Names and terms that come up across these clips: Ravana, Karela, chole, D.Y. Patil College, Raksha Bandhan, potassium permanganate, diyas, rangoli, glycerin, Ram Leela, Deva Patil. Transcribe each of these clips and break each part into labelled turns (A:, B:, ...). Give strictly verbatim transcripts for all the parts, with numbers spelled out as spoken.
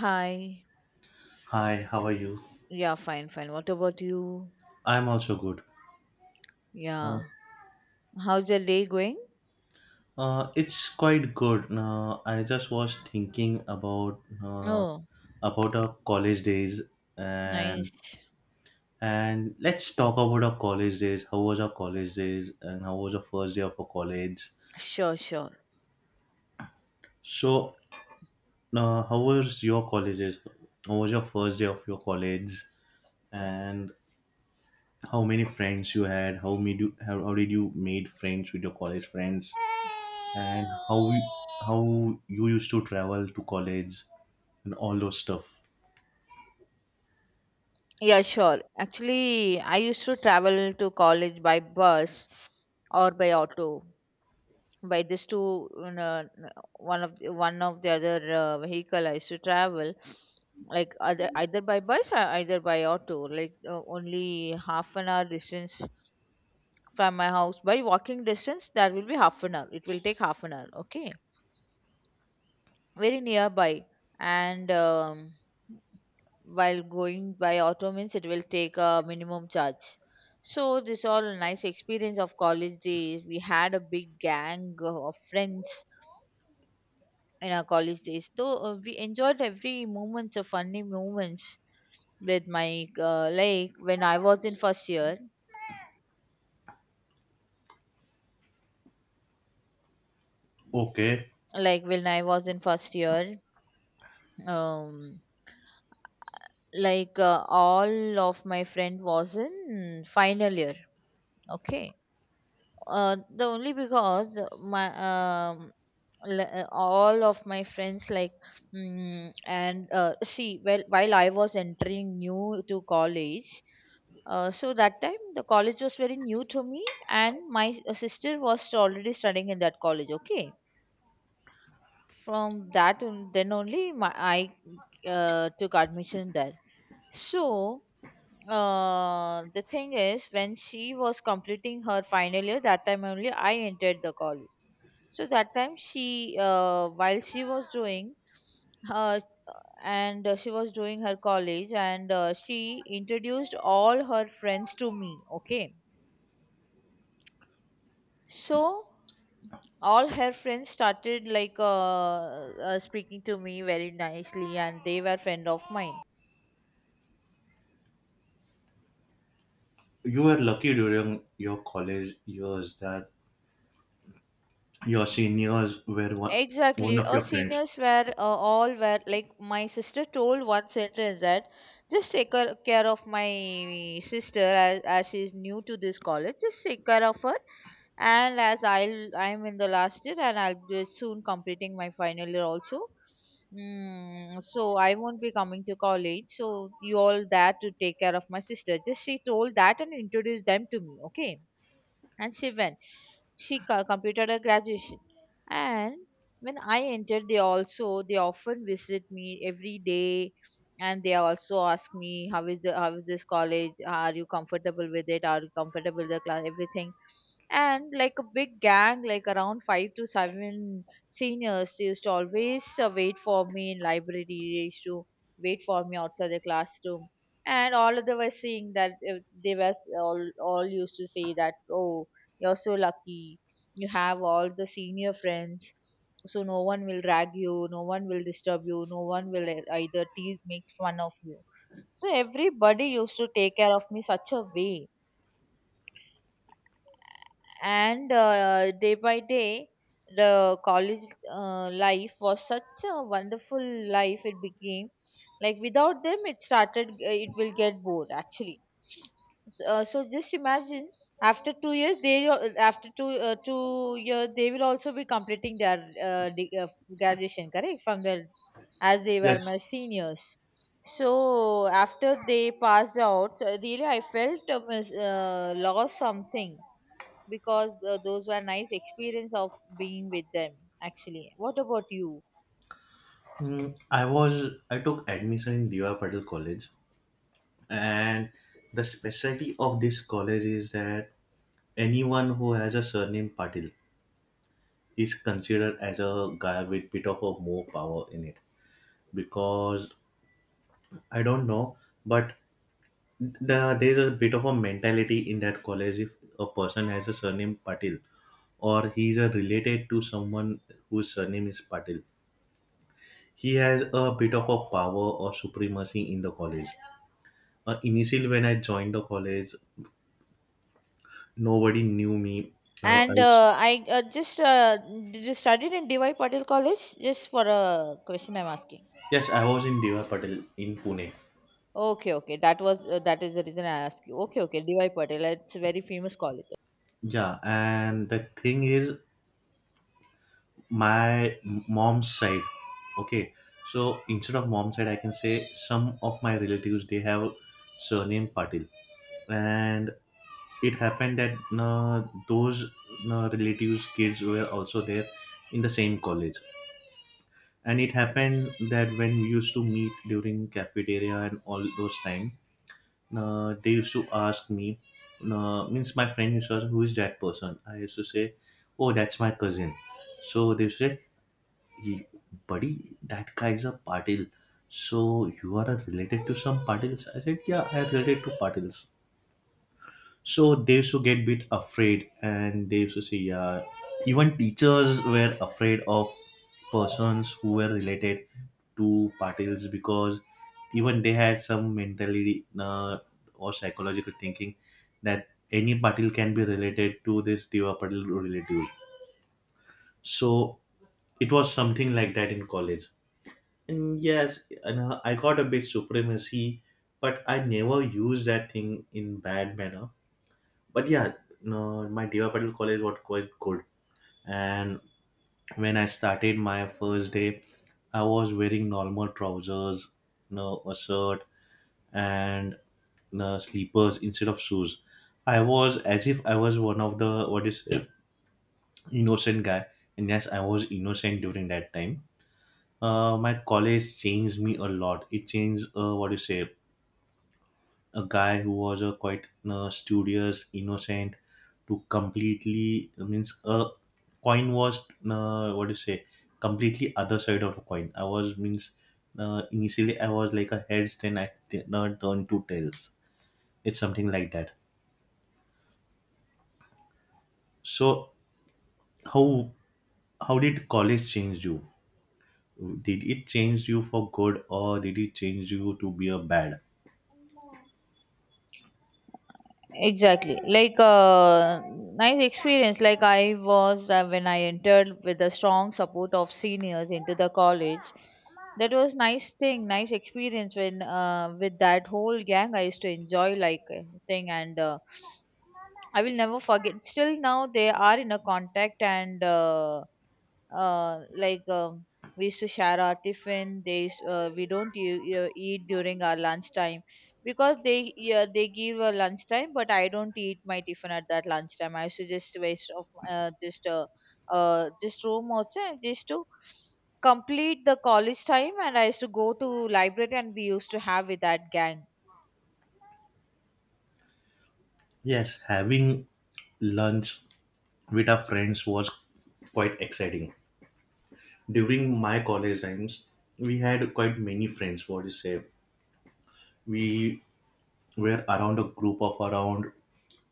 A: Hi.
B: Hi, how are you?
A: Yeah, fine, fine. What about you?
B: I'm also good. Uh,
A: Yeah. How's your day going?
B: uh, it's quite good. Uh, I just was thinking about uh,
A: Oh,
B: about our college days and
A: nice.
B: and let's talk about our college days. How was our college days and how was the first day of our college?
A: Sure, sure.
B: So, uh, how was your college days? How was your first day of your college? And how many friends you had? How made you how, how did you made friends with your college friends? and how you, how you used to travel to college and all those stuff.
A: Yeah, sure. Actually, I used to travel to college by bus or by auto. By these two, you know, one of the, one of the other uh, vehicle I used to travel, like either either by bus or either by auto. Like uh, only half an hour distance from my house by walking distance, that will be half an hour, it will take half an hour. Okay, very nearby. And um, while going by auto means it will take a minimum charge. So this all a nice experience of college days. We had a big gang of friends in our college days, though uh, we enjoyed every moments of funny moments with my uh, like when I was in first year,
B: Okay,
A: like when i was in first year um like uh, all of my friend was in final year. Okay. Uh, the only because my um, li- uh, all of my friends like mm, and uh, see, well, while I was entering new to college, uh, so that time the college was very new to me, and my s- uh, sister was already studying in that college. Okay, from that on, then only my, I uh, took admission there. So, uh, the thing is, when she was completing her final year, that time only I entered the college. So that time she, uh, while she was doing her, and uh, she was doing her college, and uh, she introduced all her friends to me. Okay, so all her friends started like uh, uh, speaking to me very nicely, and they were friend of mine.
B: you were lucky during your college years that your seniors were one, one
A: Exactly.
B: of
A: Our
B: your friends.
A: seniors were uh, all were, like, my sister told one sentence that just take care care of my sister, as, as she's new to this college. Just take care of her, and as I'll I'm in the last year, and I'll be soon completing my final year also. Mm, so I won't be coming to college. So you all there to take care of my sister. Just she told that and introduced them to me. Okay, and she went. She co- completed her graduation. And when I entered, they also they often visit me every day, and they also ask me, how is the how is this college? Are you comfortable with it? Are you comfortable with the class? Everything. And like a big gang, like around five to seven seniors, they used to always uh, wait for me in library. They used to wait for me outside the classroom, and all of them were saying that uh, they were all all used to say that, oh, you're so lucky. You have all the senior friends. So no one will rag you, no one will disturb you, no one will e- either tease, make fun of you. So everybody used to take care of me such a way. And uh, day by day the college uh, life was such a wonderful life it became. Like, without them, it started uh, it will get bored actually. Uh, so just imagine, after two years they al- after two uh, two years they will also be completing their uh, de- uh, graduation, correct? From their, as they were
B: Yes,
A: my seniors. So after they passed out, uh, really I felt uh, mis- uh, lost something, because uh, those were nice experience of being with them. Actually, what about you?
B: mm, I was I took admission in D Y. Patil College, and the specialty of this college is that anyone who has a surname Patil is considered as a guy with bit of a more power in it because I don't know, but the, there's a bit of a mentality in that college if a person has a surname Patil or he's a related to someone whose surname is Patil. He has a bit of a power or supremacy in the college. Uh, initially when I joined the college, nobody knew me. I, I
A: And
B: was,
A: uh, I uh, just uh, Did you studied in DY Patil college? Just for a question, I'm asking.
B: yes, I was in Deva Patil in Pune.
A: Okay, okay, that was uh, that is the reason I asked you. Okay, okay, DY Patil, it's a very famous college.
B: Yeah, and the thing is my mom's side, okay, so instead of mom's side I can say some of my relatives, they have surname Patil. And it happened that uh, those uh, relatives kids were also there in the same college. And it happened that when we used to meet during cafeteria and all those time, uh, they used to ask me, uh, means my friend used to ask who is that person. I used to say, "Oh, that's my cousin." So they used to say, "Ye- buddy, that guy is a Patil, so you are uh, related to some Patils." I said, "Yeah, I am related to Patils." So they used to get bit afraid, and they used to say, yeah, even teachers were afraid of persons who were related to Patils, because even they had some mentality uh, or psychological thinking that any Patil can be related to this Deva Patil relative. So it was something like that in college. And yes, and uh, I got a bit supremacy, but I never used that thing in bad manner. But yeah, no, my Deva Patil college was quite good. And when I started my first day, I was wearing normal trousers, no a shirt, and no sleepers instead of shoes. I was as if I was one of the what is innocent guy, and yes, I was innocent during that time. Uh, my college changed me a lot. It changed uh, what you say, a guy who was a quite uh, studious, innocent, to completely means a coin was uh, what do you say, completely other side of a coin. I was means uh, initially I was like a heads, then I did not turn to tails. It's something like that. So how how did college change you? Did it change you for good or did it change you to be a bad?
A: Exactly. Like uh, nice experience. Like, I was uh, when I entered with the strong support of seniors into the college. That was nice thing, nice experience when uh, with that whole gang. I used to enjoy, like uh, thing and uh, I will never forget. Still now they are in a contact. And uh, uh, like um, we used to share our tiffin. They used- uh, we don't u- uh, eat during our lunchtime, because they, yeah, they give a lunchtime, but I don't eat my tiffin at that lunchtime. I used to just waste of uh, just uh, uh, just room, also just to complete the college time. And I used to go to library, and we used to have with that gang.
B: Yes, having lunch with our friends was quite exciting. During my college times, we had quite many friends. What you say? We were around a group of around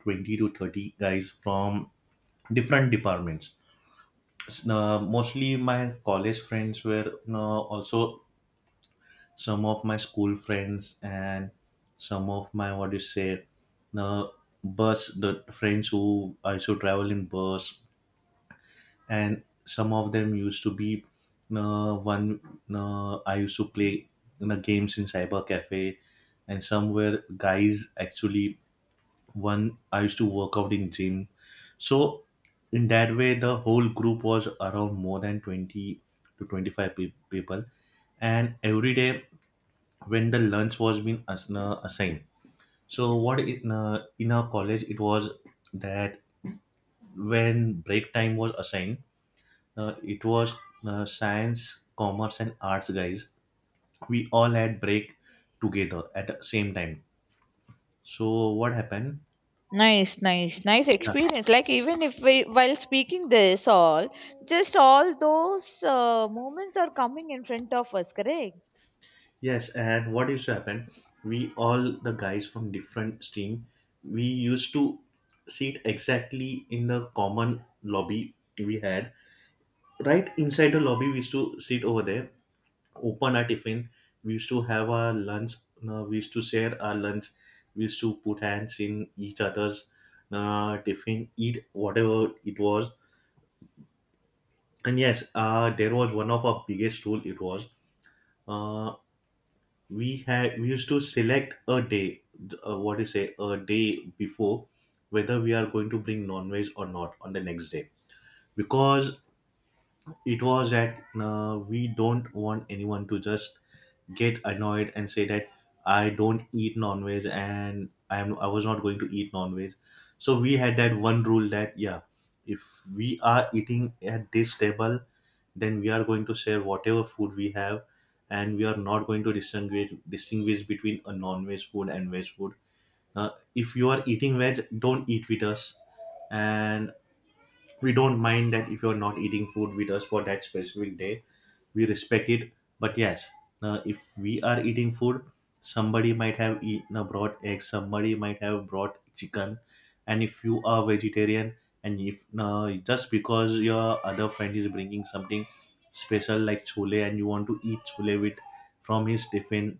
B: twenty to thirty guys from different departments. S- Uh, mostly my college friends were you also, some of my school friends and some of my what you say, uh, bus the friends who I used to travel in bus, and some of them used to be uh, one uh, I used to play, you know, games in cyber cafe, and some were guys actually one I used to work out in gym. So in that way the whole group was around more than twenty to twenty-five pe- people. And every day when the lunch was being as- uh, assigned, so what in, uh, in our college it was that when break time was assigned, uh, it was uh, science, commerce, and arts guys. We all had break together at the same time. So what happened?
A: Nice, nice, nice
B: Yeah.
A: experience. Like, even if we, while speaking this all, just all those uh, moments are coming in front of us, correct?
B: Yes, and what used to happen? We all the guys from different stream, we used to sit exactly in the common lobby we had. Right inside the lobby, we used to sit over there, open our tiffin. We used to have our lunch. Uh, we used to share our lunch. We used to put hands in each other's uh, tiffin, eat whatever it was. And yes, uh, there was one of our biggest rule. It was uh, we had we used to select a day. Uh, what do you say? A day before whether we are going to bring non-veg or not on the next day, because it was that uh, we don't want anyone to just get annoyed and say that I don't eat non-veg and I'm I was not going to eat non-veg. So we had that one rule that yeah, if we are eating at this table, then we are going to share whatever food we have, and we are not going to distinguish distinguish between a non-veg food and veg food. Uh, if you are eating veg, don't eat with us, and we don't mind that if you're not eating food with us for that specific day. We respect it. But yes, uh, if we are eating food, somebody might have eaten a brought egg, somebody might have brought chicken. And if you are vegetarian, and if uh, just because your other friend is bringing something special like chole and you want to eat chole with from his tiffin,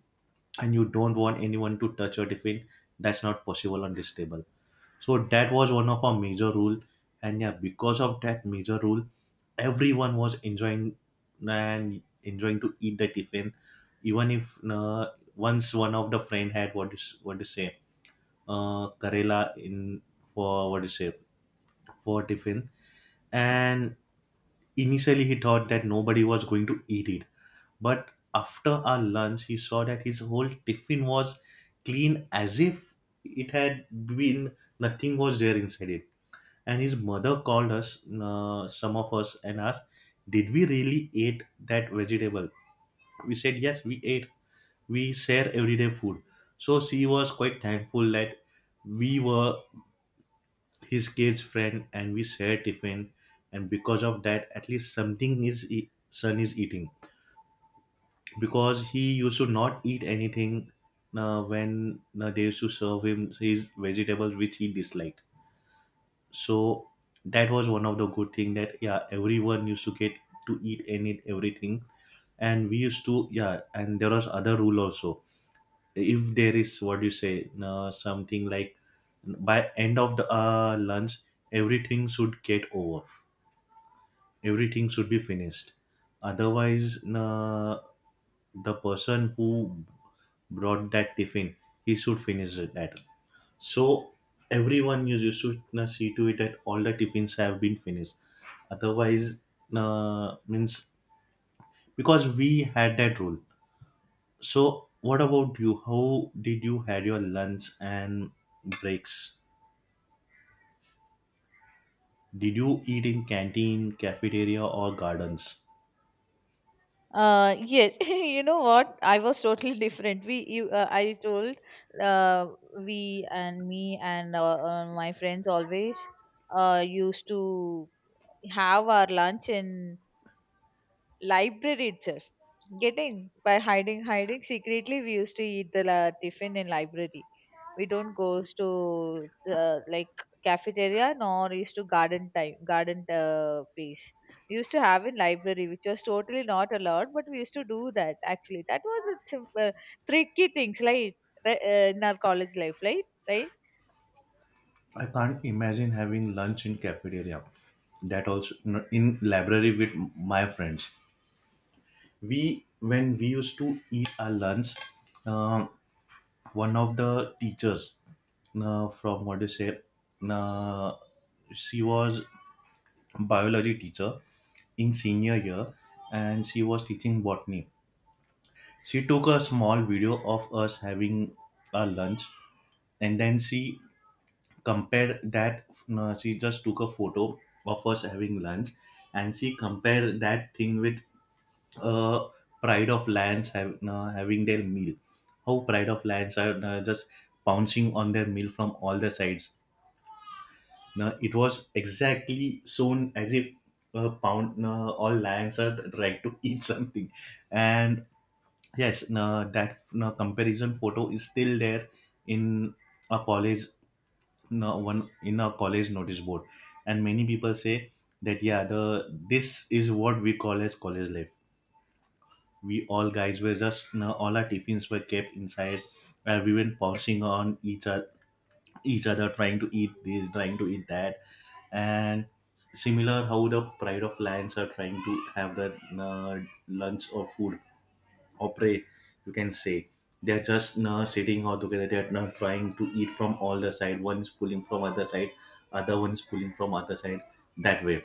B: and you don't want anyone to touch your tiffin, that's not possible on this table. So that was one of our major rule, and yeah, because of that major rule, everyone was enjoying and enjoying to eat the tiffin. Even if uh, once one of the friend had what is what to say, uh, Karela in for what is to say for tiffin, and initially he thought that nobody was going to eat it. But after our lunch he saw that his whole tiffin was clean as if it had been nothing was there inside it. And his mother called us, uh, some of us, and asked did we really ate that vegetable. We said yes we ate, we share everyday food. So she was quite thankful that we were his kid's friend and we share tiffin, and because of that at least something his e- son is eating, because he used to not eat anything uh, when uh, they used to serve him his vegetables which he disliked. So that was one of the good thing, that yeah, everyone used to get to eat and eat everything. And we used to, yeah, and there was other rule also. If there is what do you say uh, something like, by end of the uh, lunch, everything should get over, everything should be finished. Otherwise uh, the person who brought that tiffin, he should finish it that. So everyone, you you should uh, see to it that all the tiffins have been finished. Otherwise uh, means, because we had that rule. So what about you? How did you had your lunch and breaks? Did you eat in canteen, cafeteria or gardens?
A: Uh, yes, you know what? I was totally different. We, you, uh, I told, uh, we and me and uh, uh, My friends always uh, used to have our lunch in library itself, getting by hiding hiding secretly. We used to eat the la- tiffin in library. We don't go to uh, like cafeteria, nor used to garden time garden uh, place. We used to have in library, which was totally not allowed, but we used to do that actually. That was a simple tricky things, like uh, in our college life, right, right.
B: I can't imagine having lunch in cafeteria, that also in library. With my friends, we when we used to eat our lunch, uh, one of the teachers, uh, from what do you say, uh, she was biology teacher in senior year, and she was teaching botany. She took a small video of us having our lunch, and then she compared that, uh, she just took a photo of us having lunch, and she compared that thing with uh, pride of lions have, uh, having their meal. How pride of lions are uh, just pouncing on their meal from all the sides. Now it was exactly shown as if uh, pound uh, all lions are trying to eat something, and yes, uh, that uh, comparison photo is still there in a college, uh, one in a college notice board. And many people say that yeah, the this is what we call as college life. We all guys were just, you know, all our tiffins were kept inside, and we went pouncing on each other each other trying to eat this, trying to eat that. And similar how the pride of lions are trying to have their uh, lunch or food or prey, you can say. They're just uh, sitting all together, they're not trying to eat from all the side, one is pulling from other side, other one is pulling from other side, that way.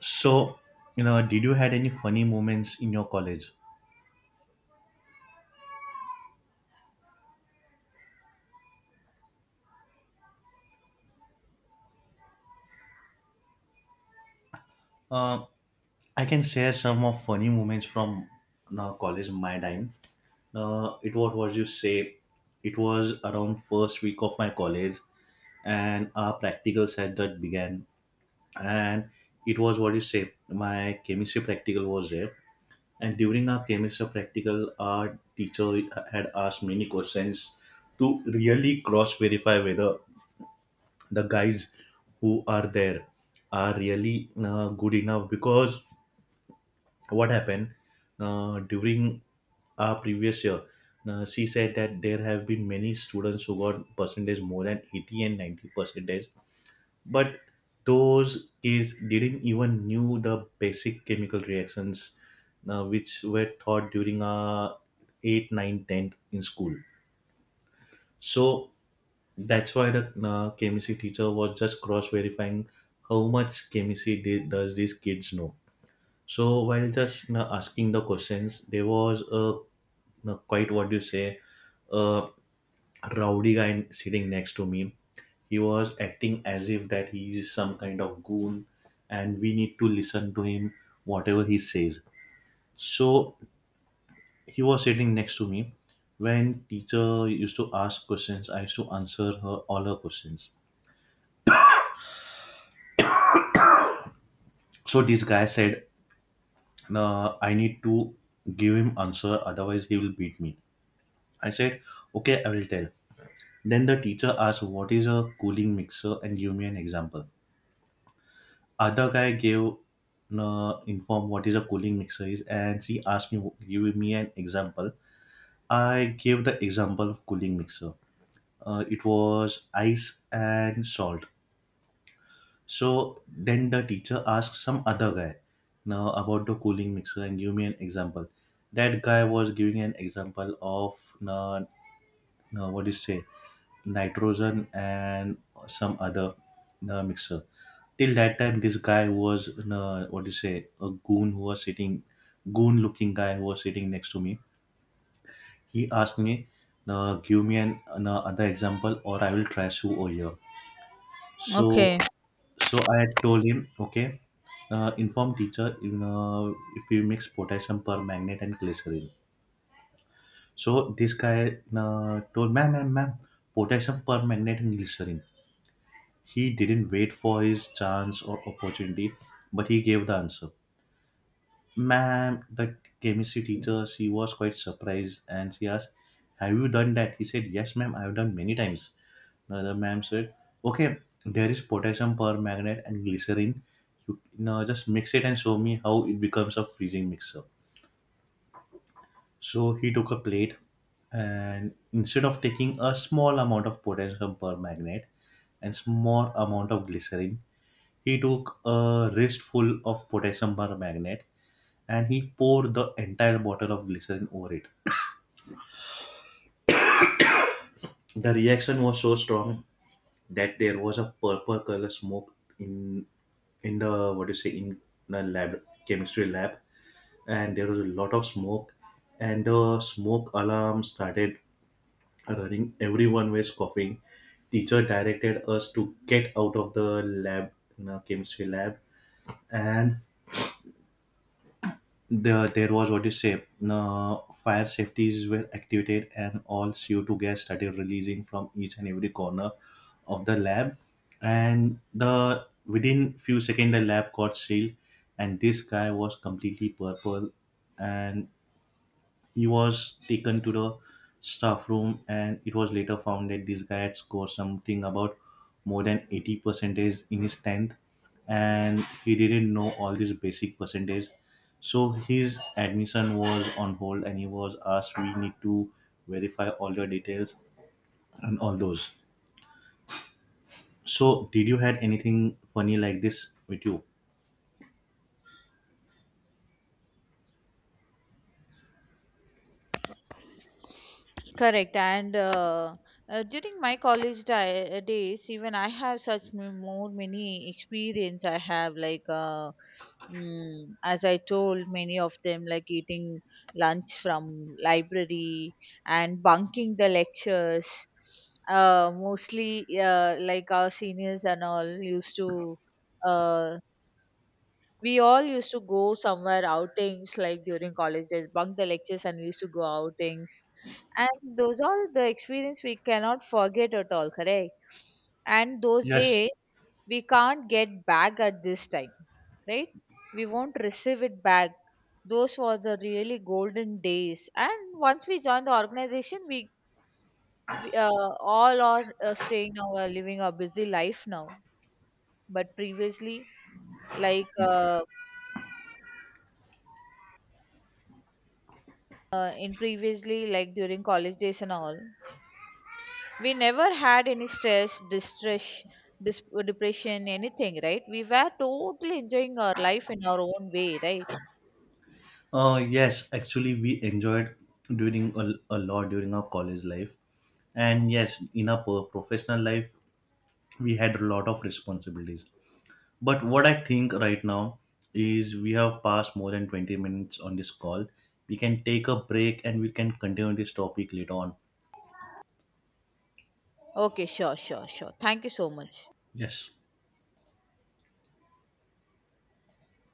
B: So, you know, did you had any funny moments in your college? Um, I can share some of funny moments from now college my time. Uh, it was what was you say. It was around first week of my college, and our practical set that began. And it was what you say. My chemistry practical was there, and during our chemistry practical, our teacher had asked many questions to really cross verify whether the guys who are there are really uh, good enough because what happened uh, during our previous year uh, she said that there have been many students who got percentage more than eighty and ninety percentage, but those kids didn't even knew the basic chemical reactions uh, which were taught during our eight nine tenth in school. So that's why the uh, chemistry teacher was just cross verifying how much chemistry they, does these kids know. So while just you know, asking the questions, there was a you know, quite what do you say, a rowdy guy sitting next to me. He was acting as if that he is some kind of goon, and we need to listen to him whatever he says. So he was sitting next to me. When teacher used to ask questions, I used to answer her all her questions. So this guy said, "No, I need to give him answer, otherwise he will beat me." I said, "Okay, I will tell." Then the teacher asked, "What is a cooling mixer? And give me an example." Other guy gave uh, informed what is a cooling mixer is, and she asked me, "Give me an example." I gave the example of cooling mixer. Uh, it was ice and salt. So then the teacher asked some other guy now about the cooling mixer and give me an example. That guy was giving an example of uh, uh, what do you say, nitrogen and some other uh, mixer. Till that time this guy was uh, what do you say, a goon who was sitting goon looking guy who was sitting next to me. He asked me, uh, "Give me an, an other example, or I will trash you over here."
A: Okay.
B: So so I told him, "Okay, uh, inform teacher in, uh, if you mix potassium permanganate and glycerin." So this guy uh, told, "Ma'am, ma'am, ma'am, potassium permanganate and glycerin." He didn't wait for his chance or opportunity, but he gave the answer. Ma'am, the chemistry teacher, she was quite surprised and she asked, "Have you done that?" He said, "Yes, ma'am, I've done many times." The other ma'am said, "Okay, there is potassium permanganate and glycerin. You, you know, just mix it and show me how it becomes a freezing mixer." So he took a plate, and instead of taking a small amount of potassium permanganate and small amount of glycerin, he took a wristful of potassium permanganate, and he poured the entire bottle of glycerin over it. The reaction was so strong that there was a purple color smoke in in the, what do you say, in the lab chemistry lab, and there was a lot of smoke, and the smoke alarm started running. Everyone was coughing. Teacher directed us to get out of the lab, the chemistry lab, and the there was what you say. Uh, fire safeties were activated, and all C O two gas started releasing from each and every corner of the lab. And the within few seconds, the lab got sealed, and this guy was completely purple, and he was taken to the staff room, and it was later found that this guy had scored something about more than eighty percentage in his tenth, and he didn't know all these basic percentage. So his admission was on hold, and he was asked, "We need to verify all the details and all those." So, did you had anything funny like this with you?
A: Correct. And uh, uh, during my college di- uh, days, even I have such m- more many experience. I have, like uh, mm, as I told many of them, like eating lunch from library and bunking the lectures. Uh, mostly, uh, like our seniors and all used to uh, we all used to go somewhere outings, like during college days, bunk the lectures, and we used to go outings. And those all the experience we cannot forget at all, correct? And those
B: Yes,
A: days we can't get back at this time, right? We won't receive it back. Those were the really golden days. And once we join the organization, we, we uh, all are uh, staying now, uh, living a busy life now. But previously, like uh, uh, in previously like during college days and all, we never had any stress, distress, dis- depression, anything, right? We were totally enjoying our life in our own way, right?
B: Uh, yes, actually, we enjoyed during a, a lot during our college life, and yes, in our pro- professional life, we had a lot of responsibilities. But what I think right now is we have passed more than twenty minutes on this call. We can take a break and we can continue this topic later on.
A: Okay, sure, sure, sure. Thank you so much.
B: Yes.